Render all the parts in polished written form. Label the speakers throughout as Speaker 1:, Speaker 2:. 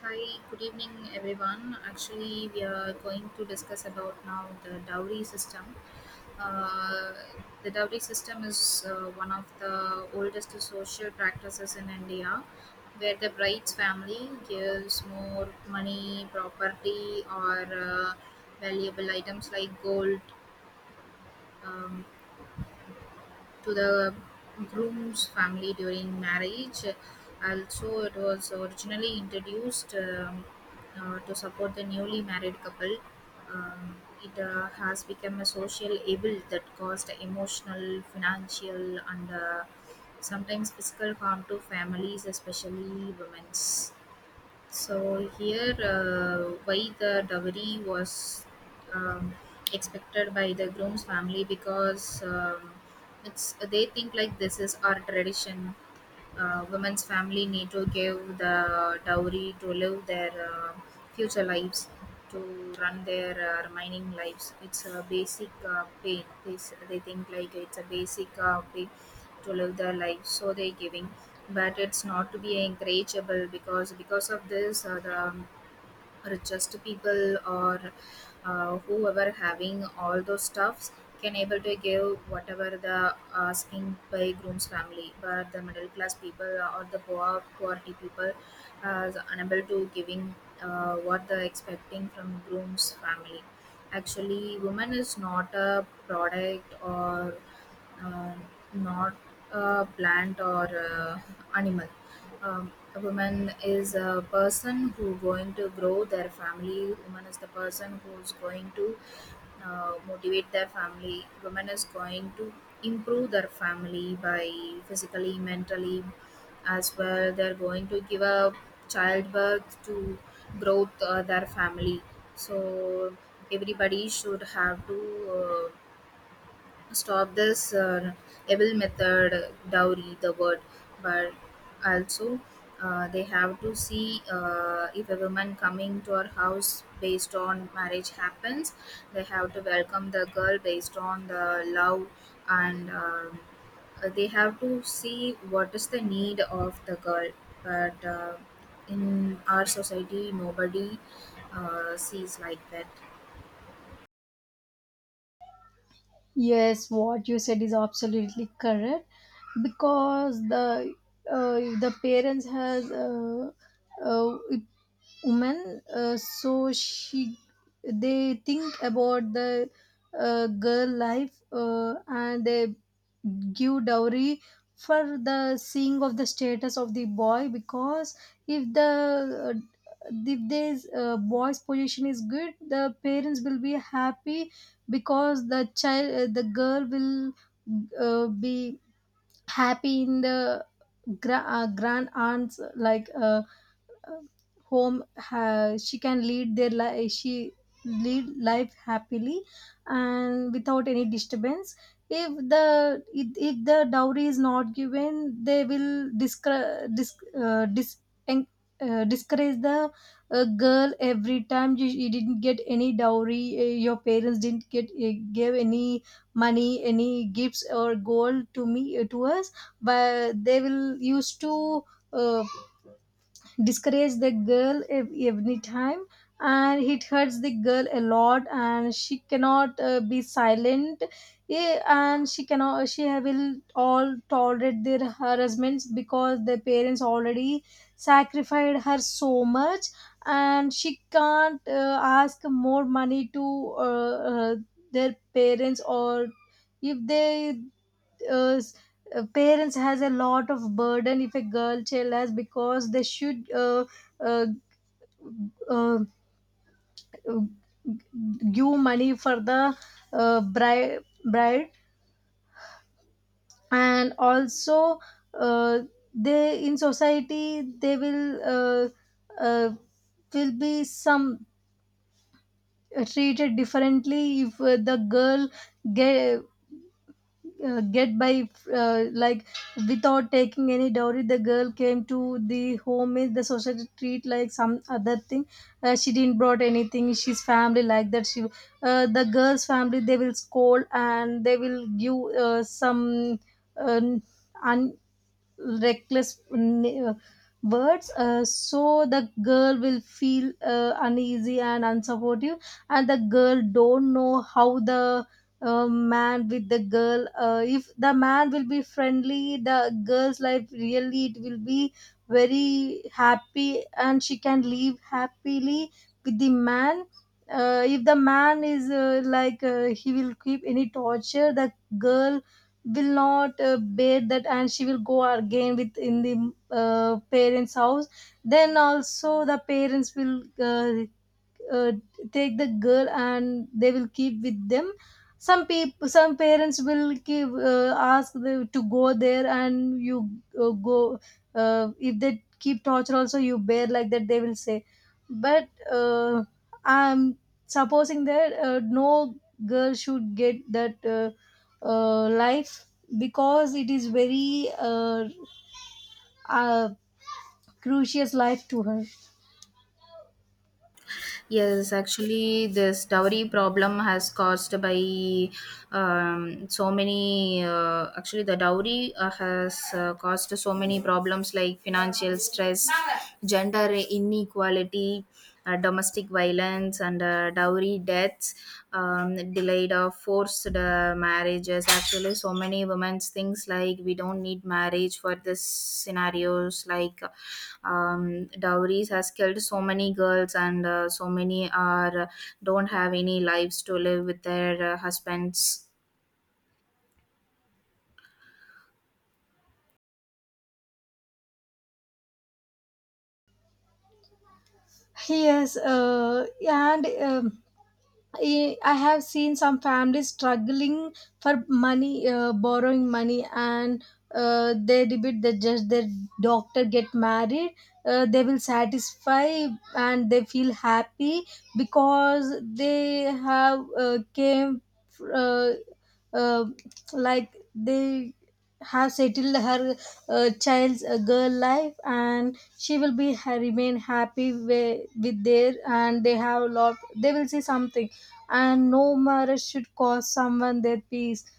Speaker 1: Hi, good evening, everyone. Actually, we are going to discuss about now the dowry system. Uh, the dowry system is one of the oldest social practices in India, where the bride's family gives more money, property, or valuable items like gold, um, to the groom's family during marriage. Also, it was originally introduced to support the newly married couple. Um, it has become a social evil that caused emotional, financial, and sometimes physical harm to families, especially women's. So here, why the dowry was um, expected by the groom's family? Because it's they think like this is our tradition, woman's family need to give the dowry to live their future lives, to run their remaining lives. It's a basic pain. They think like it's a basic pay to live their life, so they're giving. But it's not to be encourageable, because of this, the richest people or whoever having all those stuffs can able to give whatever the asking by groom's family, but the middle class people or the poor poverty people is unable to giving what they're expecting from groom's family. Actually, woman is not a product or uh, not a plant or animal. A woman is a person who going to grow their family. Woman is the person who's going to motivate their family. Woman is going to improve their family by physically, mentally, as well they're going to give a childbirth to growth their family. So everybody should have to uh, stop this evil method dowry the word. But also, they have to see, if a woman coming to our house based on marriage happens, they have to welcome the girl based on the love, and they have to see what is the need of the girl. But in our society nobody sees like that.
Speaker 2: Yes, what you said is absolutely correct because the if the parents has uh, woman so she, they think about the girl life, and they give dowry for the seeing of the status of the boy. Because if the uh, if this boy's position is good, the parents will be happy because the girl will be happy in the grand aunts like, uh, home. She can lead their life, she lead life happily and without any disturbance. If the if the dowry is not given, they will en- discourage the girl every time. You didn't get any dowry, your parents didn't get, gave any money, any gifts or gold to me, to us. But they will used to, uh, discourage the girl every time, and it hurts the girl a lot, and she cannot be silent. Yeah, and she cannot, she will all tolerate their harassments because their parents already sacrificed her so much, and she can't ask more money to their parents. Or if they uh, s- parents has a lot of burden if a girl child has, because they should uh, uh, give money for the uh, bride bride. And also, uh, they in society they will, uh, will be some treated differently if the girl get, get by, like without taking any dowry the girl came to the home, in the society treat like some other thing. She didn't brought anything, she's family like that, she, the girl's family they will scold and they will give uh, some uh, un, reckless words. So the girl will feel uneasy and unsupportive, and the girl don't know how the man with the girl. If the man will be friendly, the girl's life really it will be very happy and she can live happily with the man. If the man is he will keep any torture, the girl will not bear that and she will go again with in the parents house. Then also the parents will, uh, take the girl and they will keep with them. Some people, some parents will give, ask them to go there and you go if they keep torture also you bear like that, they will say. But I'm supposing that no girl should get that life, because it is very uh, crucial life to her.
Speaker 1: Yes, actually, this dowry problem has caused by so many. Actually, the dowry has caused so many problems like financial stress, gender inequality, domestic violence, and dowry deaths, delayed or forced marriages. Actually, so many women's things like we don't need marriage for this scenarios, like dowries has killed so many girls and so many are don't have any lives to live with their husbands.
Speaker 2: Yes, and I have seen some families struggling for money, borrowing money, and they debate that just their doctor get married. They will satisfy and they feel happy because they have came uh, uh, like they have settled her child's girl life, and she will be remain happy with their, and they have lot, they will see something. And no marriage should cost someone their peace.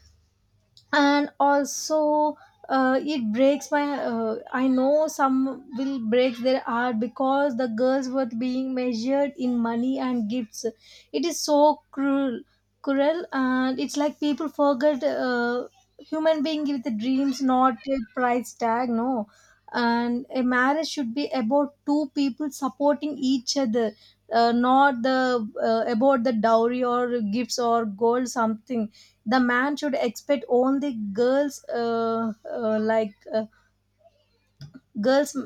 Speaker 2: And also, it breaks my, I know some will break their heart because the girls worth being measured in money and gifts. It is so cruel, and it's like people forget human being with the dreams, not a price tag. No. And a marriage should be about two people supporting each other, not the about the dowry or gifts or gold something. The man should expect only girls, girls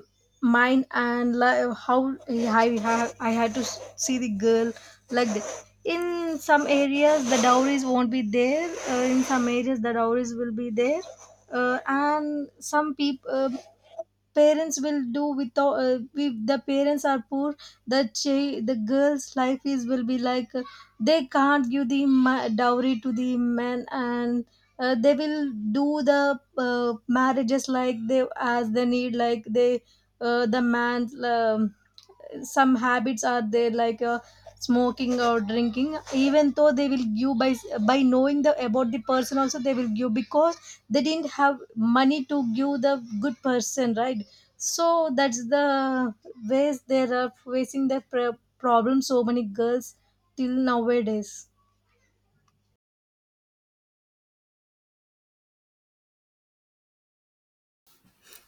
Speaker 2: mind. And like how I had to see the girl like this. In some areas the dowries won't be there, in some areas the dowries will be there. And some people parents will do without, if the parents are poor the the girl's life is will be like, they can't give the dowry to the man. And they will do the marriages like they as they need, like they, the man, some habits are there like, smoking or drinking, even though they will give by knowing the about the person also they will give because they didn't have money to give the good person, right? So that's the ways they are facing the problem, so many girls till nowadays.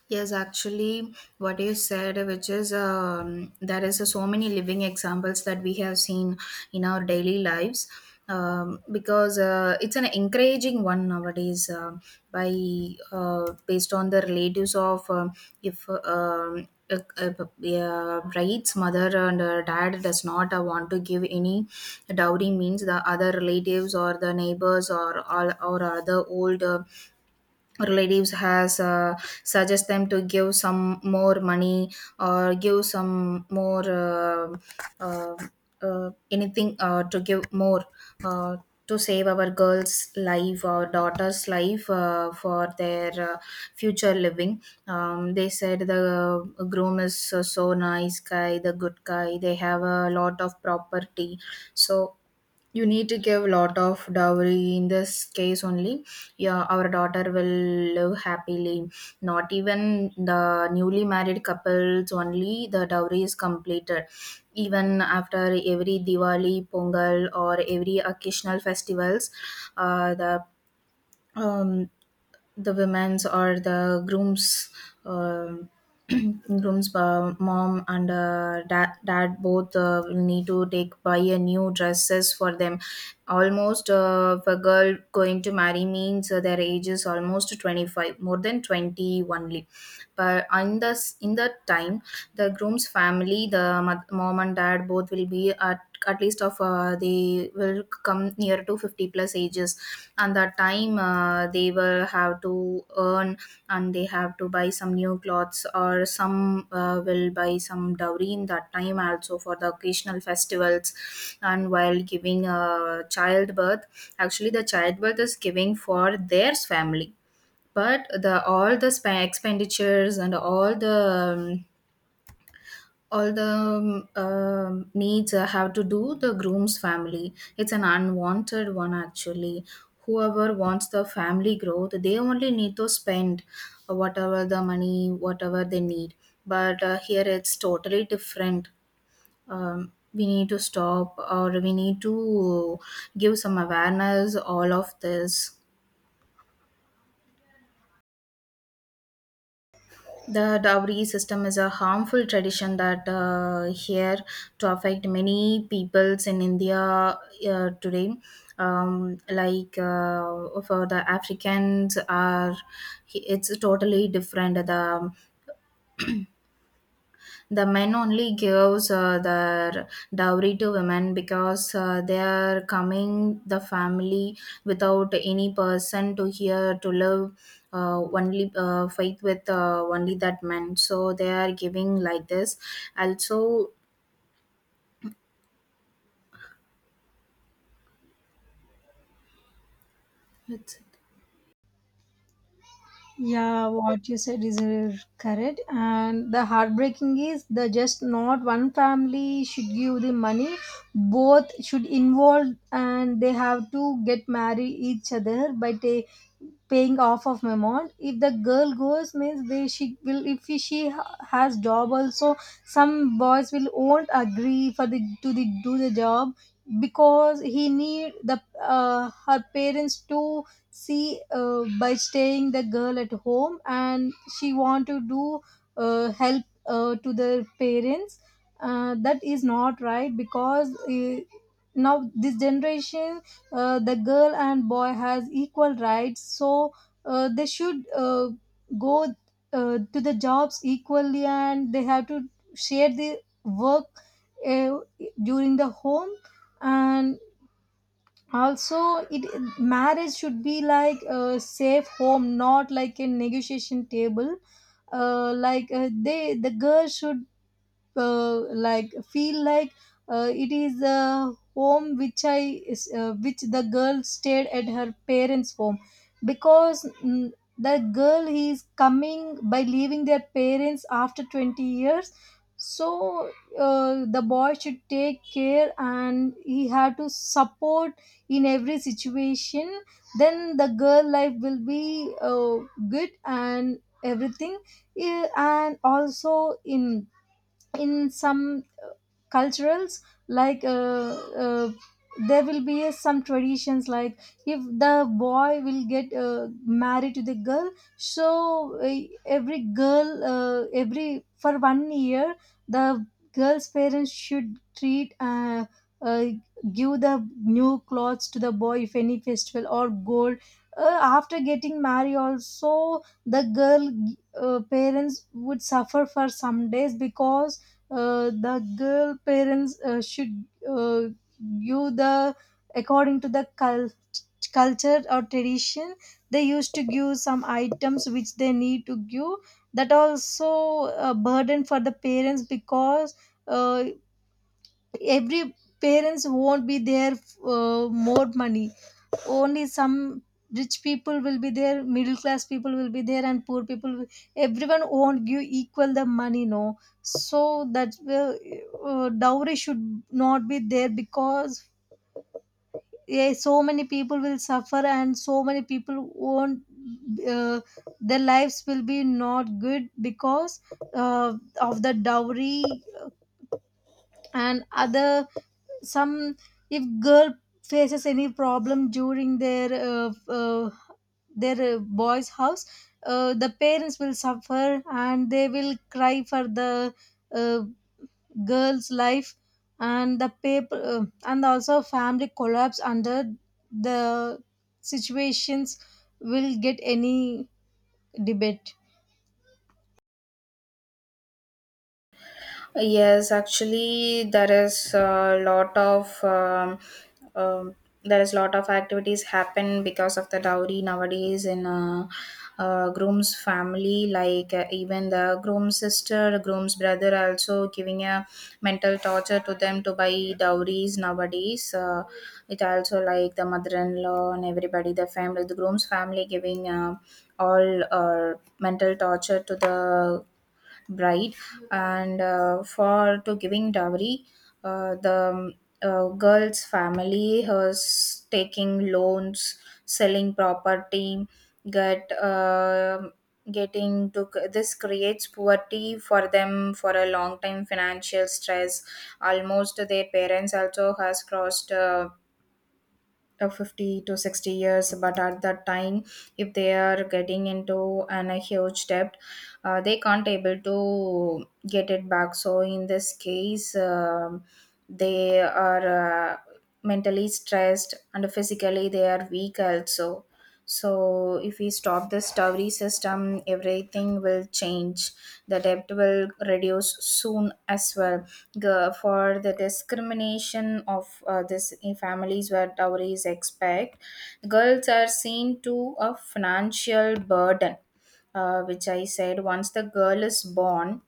Speaker 1: Yes, actually, what you said, which is, there is so many living examples that we have seen in our daily lives, because it's an encouraging one nowadays, by based on the relatives of if. Um, Uh, um, uh, bride's mother and dad does not want to give any dowry means the other relatives or the neighbors or all or other old relatives has suggest them to give some more money or give some more uh, anything, to give more uh, to save our girls life or daughter's life, for their future living. They said the groom is so nice guy, the good guy, they have a lot of property, so you need to give a lot of dowry. In this case only, yeah, our daughter will live happily. Not even the newly married couples only the dowry is completed. Even after every diwali, pongal, or every occasional festivals, uh, the um, the women's or the groom's, uh, groom's mom and dad, both will need to take buy a new dresses for them. Almost, if a girl going to marry means their age is almost 25, more than 20 only. But in the in that time, the groom's family, the mom and dad both will be at least of, they will come near to 50 plus ages. And that time, they will have to earn, and they have to buy some new clothes or some will buy some dowry in that time also for the occasional festivals. And while giving childbirth, actually the childbirth is giving for their family, but the all the expenditures and all the needs have to do the groom's family. It's an unwanted one actually. Whoever wants the family growth, they only need to spend whatever the money, whatever they need. But here it's totally different. We need to stop, or we need to give some awareness all of this. The dowry system is a harmful tradition that here to affect many peoples in India today. Like for the Africans are, it's totally different. The men only gives their dowry to women because they are coming the family without any person to here to live. Only fight with, only that men, so they are giving like this also.
Speaker 2: Yeah, what you said is correct. And the heartbreaking is the just not one family should give the money. Both should involve, and they have to get marry each other by paying off of amount. If the girl goes, means they she will. If she has job also, some boys will won't agree for the to the do the job because he need the her parents to see, by staying the girl at home. And she want to do, help, to the parents. That is not right, because now this generation, the girl and boy has equal rights. So they should go to the jobs equally, and they have to share the work uh, during the home. And also it, marriage should be like a safe home, not like a negotiation table. They the girl should, uh, like feel like, it is a home which the girl stayed at her parents home. Because the girl is coming by leaving their parents after 20 years. So the boy should take care and he had to support in every situation. Then the girl life will be good and everything. Yeah, and also in in some culturals like, uh, there will be some traditions like, if the boy will get married to the girl. So every girl, every for 1 year, the girl's parents should treat, uh, give the new clothes to the boy if any festival, or gold. After getting married also, the girl parents would suffer for some days, because the girl parents should give the according to the culture or tradition. They used to give some items which they need to give. That also a burden for the parents, because uh, every parents won't be there more money. Only some rich people will be there, middle class people will be there, and poor people everyone won't give equal the money, no. So that will, dowry should not be there, because yeah, so many people will suffer and so many people won't, uh, their lives will be not good because uh, of the dowry. And other some, if girl faces any problem during their boy's house, the parents will suffer and they will cry for the uh, girl's life. And the paper, and also family collapse under the situations, will get any debate.
Speaker 1: Yes, actually, there is a lot of um, there is lot of activities happen because of the dowry nowadays in groom's family. Like even the groom's sister, groom's brother, also giving a mental torture to them to buy dowries nowadays. It also like the mother-in-law and everybody, the family, the groom's family giving all mental torture to the bride, and for to giving dowry, the girl's family was taking loans, selling property, get uh, getting to this creates poverty for them for a long time, financial stress. Almost their parents also has crossed 50 to 60 years, but at that time if they are getting into a huge debt, they can't able to get it back. So in this case, they are mentally stressed and physically they are weak also. So if we stop this dowry system, everything will change. The debt will reduce soon as well. For the discrimination of this in families where dowry is expect, girls are seen to a financial burden, which I said. Once the girl is born,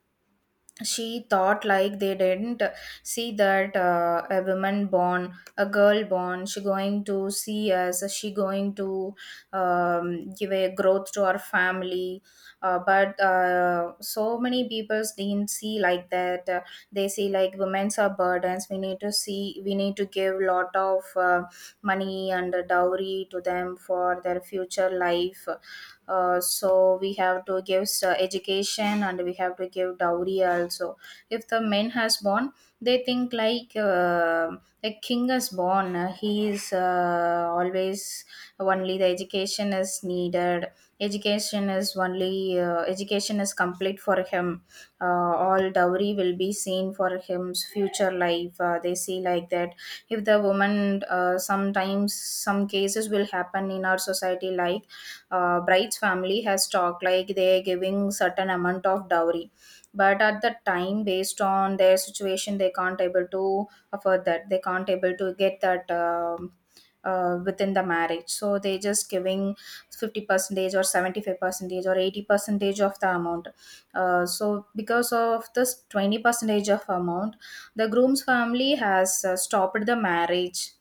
Speaker 1: she thought like they didn't see that, a woman born, a girl born, she going to see us, she going to give a growth to our family. But so many people didn't see like that. They see like women's are burdens. We need to see, we need to give lot of money and dowry to them for their future life. So we have to give education and we have to give dowry also. If the men has born, they think like, a king is born, he is always only the education is needed. Education is only, education is complete for him. uh, all dowry will be seen for him's future life, they see like that. If the woman, sometimes some cases will happen in our society, like bride's family has talked like they're giving certain amount of dowry, but at the time based on their situation they can't able to afford that, they can't able to get that, within the marriage. So they just giving 50 percentage or 75 percentage or 80 percentage of the amount. So because of this 20 percentage of amount, the groom's family has stopped the marriage.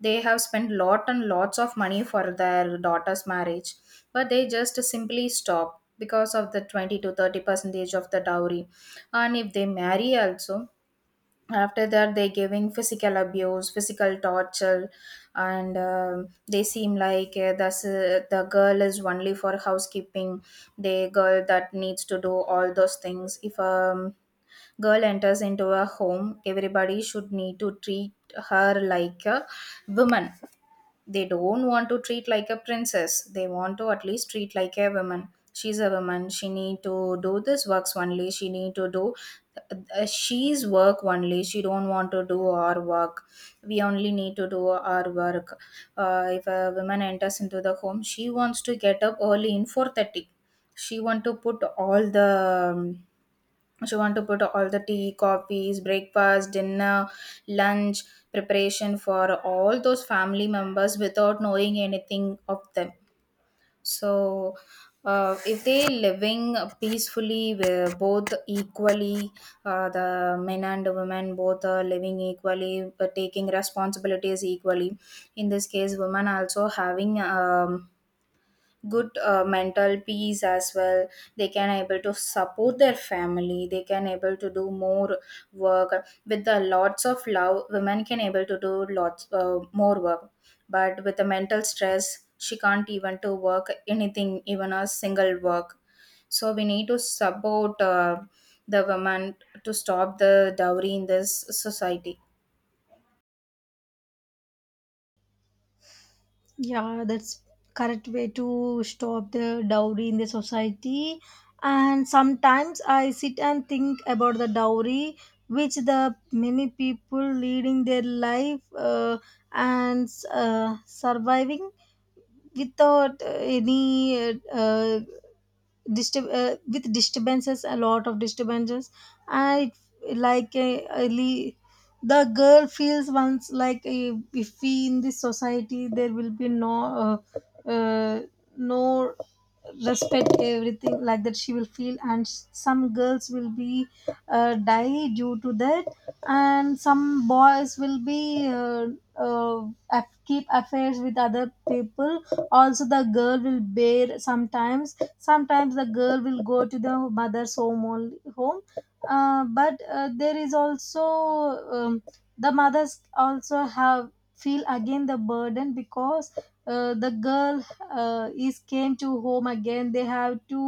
Speaker 1: They have spent lot and lots of money for their daughter's marriage, but they just simply stop because of the 20 to 30 percentage of the dowry. And if they marry also, after that they giving physical abuse, physical torture, and um, they seem like, the girl is only for housekeeping. The girl that needs to do all those things. If a girl enters into a home, everybody should need to treat her like a woman. They don't want to treat like a princess. They want to at least treat like a woman. She's a woman. She need to do this works only. She need to do she's work only. She don't want to do our work. We only need to do our work. If a woman enters into the home, she wants to get up early in 4:30. She want to put all the she want to put all the tea coffees breakfast dinner lunch preparation for all those family members without knowing anything of them. So if they living peacefully, we're both equally, the men and women both are living equally but taking responsibilities equally. In this case, women also having good mental peace as well. They can able to support their family, they can able to do more work with the lots of love. Women can able to do lots more work, but with the mental stress, she can't even to work anything, even a single work. So we need to support the women to stop the dowry in this society.
Speaker 2: Yeah, that's correct way to stop the dowry in the society. And sometimes I sit and think about the dowry, which the many people leading their life, and surviving without any disturb with disturbances, a lot of disturbances. And it, like, early the girl feels once like, if we in this society there will be no uh, uh, no respect, everything like that she will feel. And some girls will be die due to that. And some boys will be uh, keep affairs with other people. Also the girl will bear sometimes. Sometimes the girl will go to the mother's home only home. But there is also, um, the mothers also have feel again the burden, because the girl is came to home again, they have to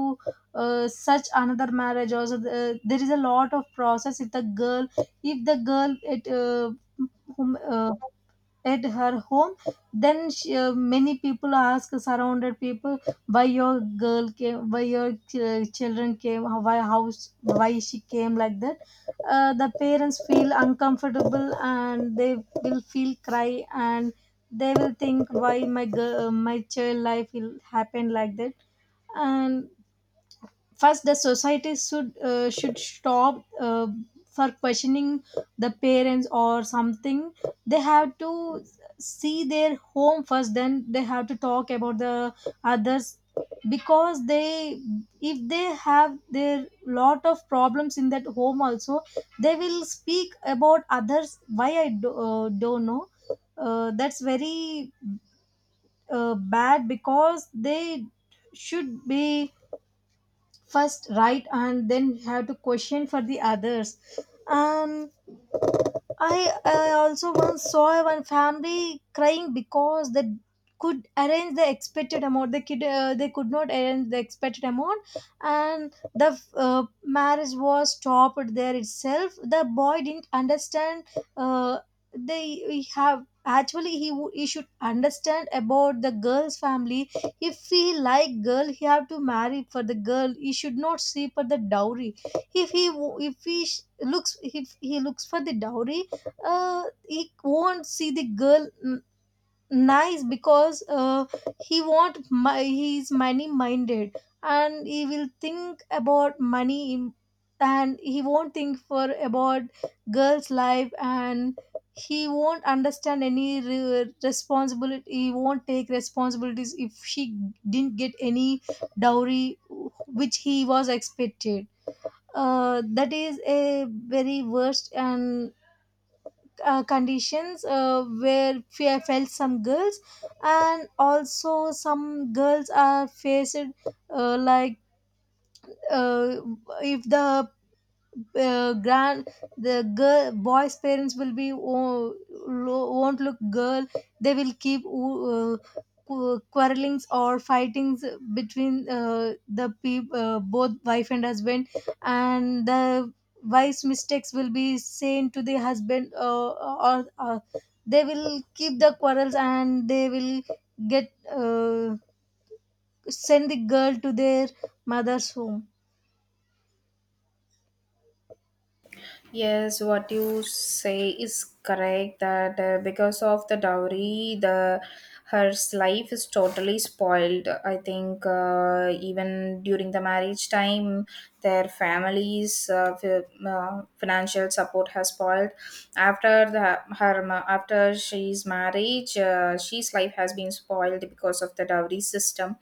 Speaker 2: search another marriage. Also the, there is a lot of process if the girl, if the girl it whom, uh, at her home, then she, many people ask, surrounded people, why your girl came, why your children came, why she came like that. The parents feel uncomfortable, and they will feel cry, and they will think why my girl, my child life will happen like that. And first the society should stop for questioning the parents or something. They have to see their home first, then they have to talk about the others. Because they, if they have their lot of problems in that home also, they will speak about others, don't know. That's very bad because they should be first right, and then have to question for the others. um I also once saw one family crying because they could arrange the expected amount. They could, they could not arrange the expected amount, and the marriage was stopped there itself. The boy didn't understand. Uh, they we have actually, he he should understand about the girl's family. If he like girl, he have to marry for the girl. He should not sleep for the dowry. If he if he looks, if he looks for the dowry, he won't see the girl nice, because he want my he's money minded, and he will think about money. And he won't think for about girl's life, and he won't understand any responsibility, he won't take responsibilities if she didn't get any dowry which he was expected. That is a very worst and conditions I felt some girls. And also some girls are faced, uh, like uh, if the grand the girl boy's parents will be, oh, won't look girl, they will keep, quarrelings or fightings between the peop both wife and husband. And the wife's mistakes will be saying to the husband, or they will keep the quarrels and they will get, uh, send the girl to their mother's home.
Speaker 1: Yes, what you say is correct that because of the dowry, the her life is totally spoiled. I think even during the marriage time, their family's financial support has spoiled. After the after she's marriage, she's life has been spoiled because of the dowry system.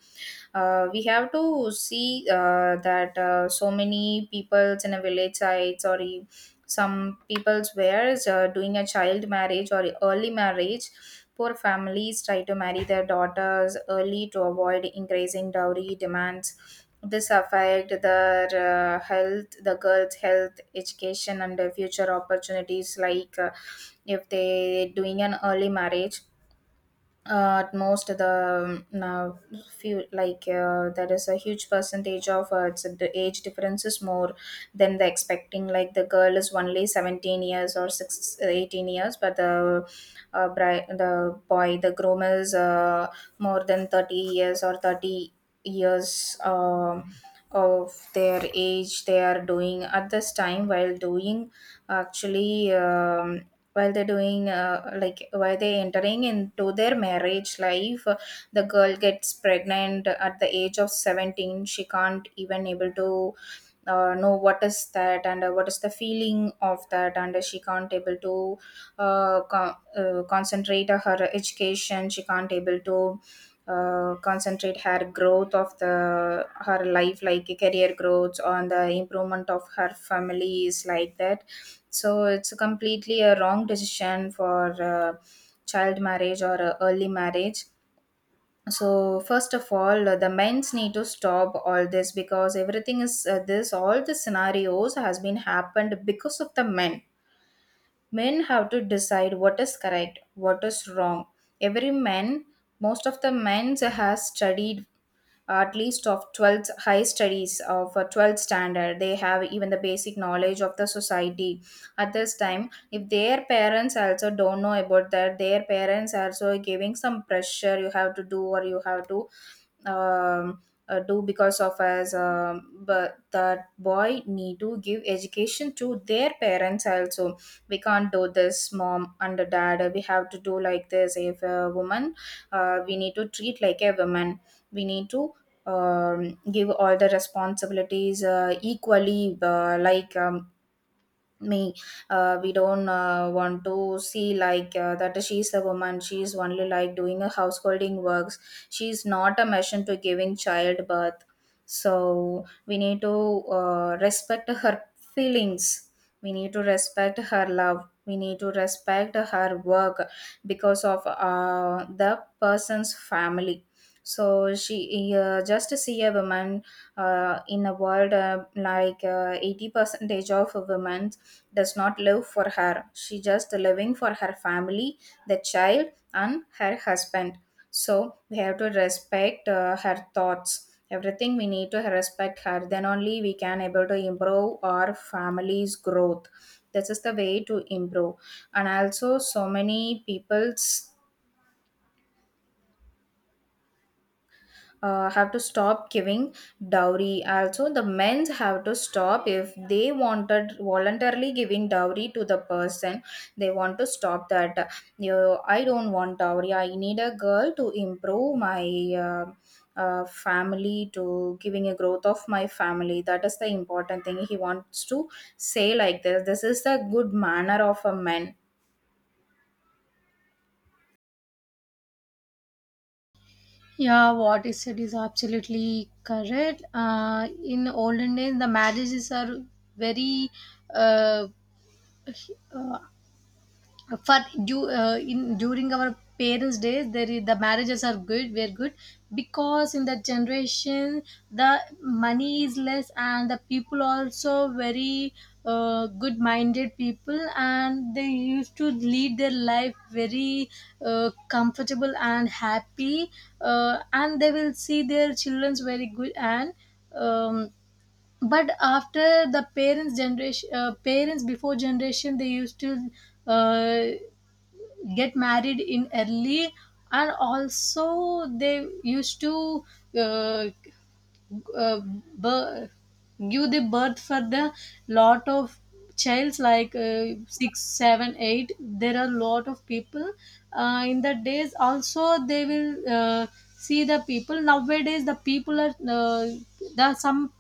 Speaker 1: We have to see that so many peoples in a village sites or some people's wares doing a child marriage or early marriage. Poor families try to marry their daughters early to avoid increasing dowry demands. This affect their health, the girls health, education and the future opportunities, like if they doing an early marriage. At most the now few, like there is a huge percentage of it's the age difference is more than the expecting, like the girl is only 17 years or 6 18, but the the boy, the groom is more than 30 years or 30 years of their age they are doing at this time while doing, actually, while they're doing like while they entering into their marriage life, the girl gets pregnant at the age of 17. She can't even able to know what is that, and what is the feeling of that, and she can't able to concentrate on her education. She can't able to concentrate her growth of the her life, like career growth, on the improvement of her families, like that. So it's a completely a wrong decision for child marriage or early marriage. So first of all, the men's need to stop all this, because everything is this. All the scenarios has been happened because of the men. Men have to decide what is correct, what is wrong. Every man, most of the men has studied at least of 12th high studies of a 12th standard. They have even the basic knowledge of the society. At this time, if their parents also don't know about that, their parents also giving some pressure: you have to do or you have to um, do because of us. But that boy need to give education to their parents also. We can't do this, mom and dad, we have to do like this. If a woman, we need to treat like a woman, we need to give all the responsibilities equally, like me we don't want to see like that she's a woman, she's only like doing a householding works. She's not a machine to giving childbirth. So we need to respect her feelings, we need to respect her love, we need to respect her work, because of the person's family. So she, just see a woman in a world, like 80 percentage of women does not live for her, she just living for her family, the child and her husband. So we have to respect her thoughts, everything we need to respect her, then only we can able to improve our family's growth. This is the way to improve. And also so many people's have to stop giving dowry. Also, the men's have to stop. If they wanted voluntarily giving dowry to the person, they want to stop that. You, I don't want dowry. I need a girl to improve my. Family to giving a growth of my family, that is the important thing. He wants to say like this is the good manner of a man.
Speaker 2: Yeah, what is said is absolutely correct. In olden days, the marriages are very uh, uh, for in during our parents days there is, the marriages are good, were good, because in that generation the money is less, and the people also very good minded people, and they used to lead their life very comfortable and happy. And they will see their children's very good. And um, but after the parents generation, parents before generation they used to uh, get married in early. And also they used to uh, uh, birth, give the birth for the lot of childs like, 6 7 8, there are lot of people, in the days also they will see. The people nowadays, the people are, there are some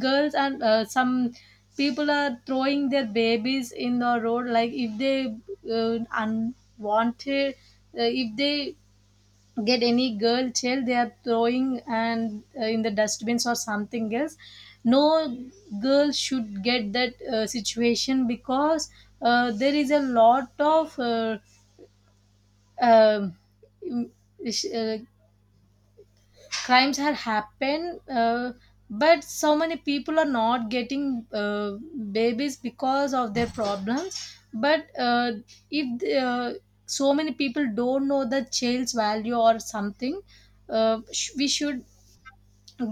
Speaker 2: girls, and some people are throwing their babies in the road, like if they unwanted, if they get any girl child they are throwing, and in the dustbins or something else. No girl should get that situation, because there is a lot of um, mm, sh- uh, crimes have happened. But so many people are not getting babies because of their problems. But if so many people don't know the child's value or something. We should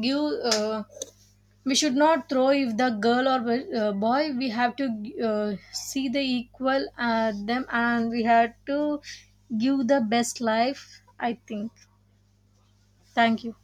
Speaker 2: give, uh, we should not throw, if the girl or boy, we have to see the equal them, and we have to give the best life. I think, thank you.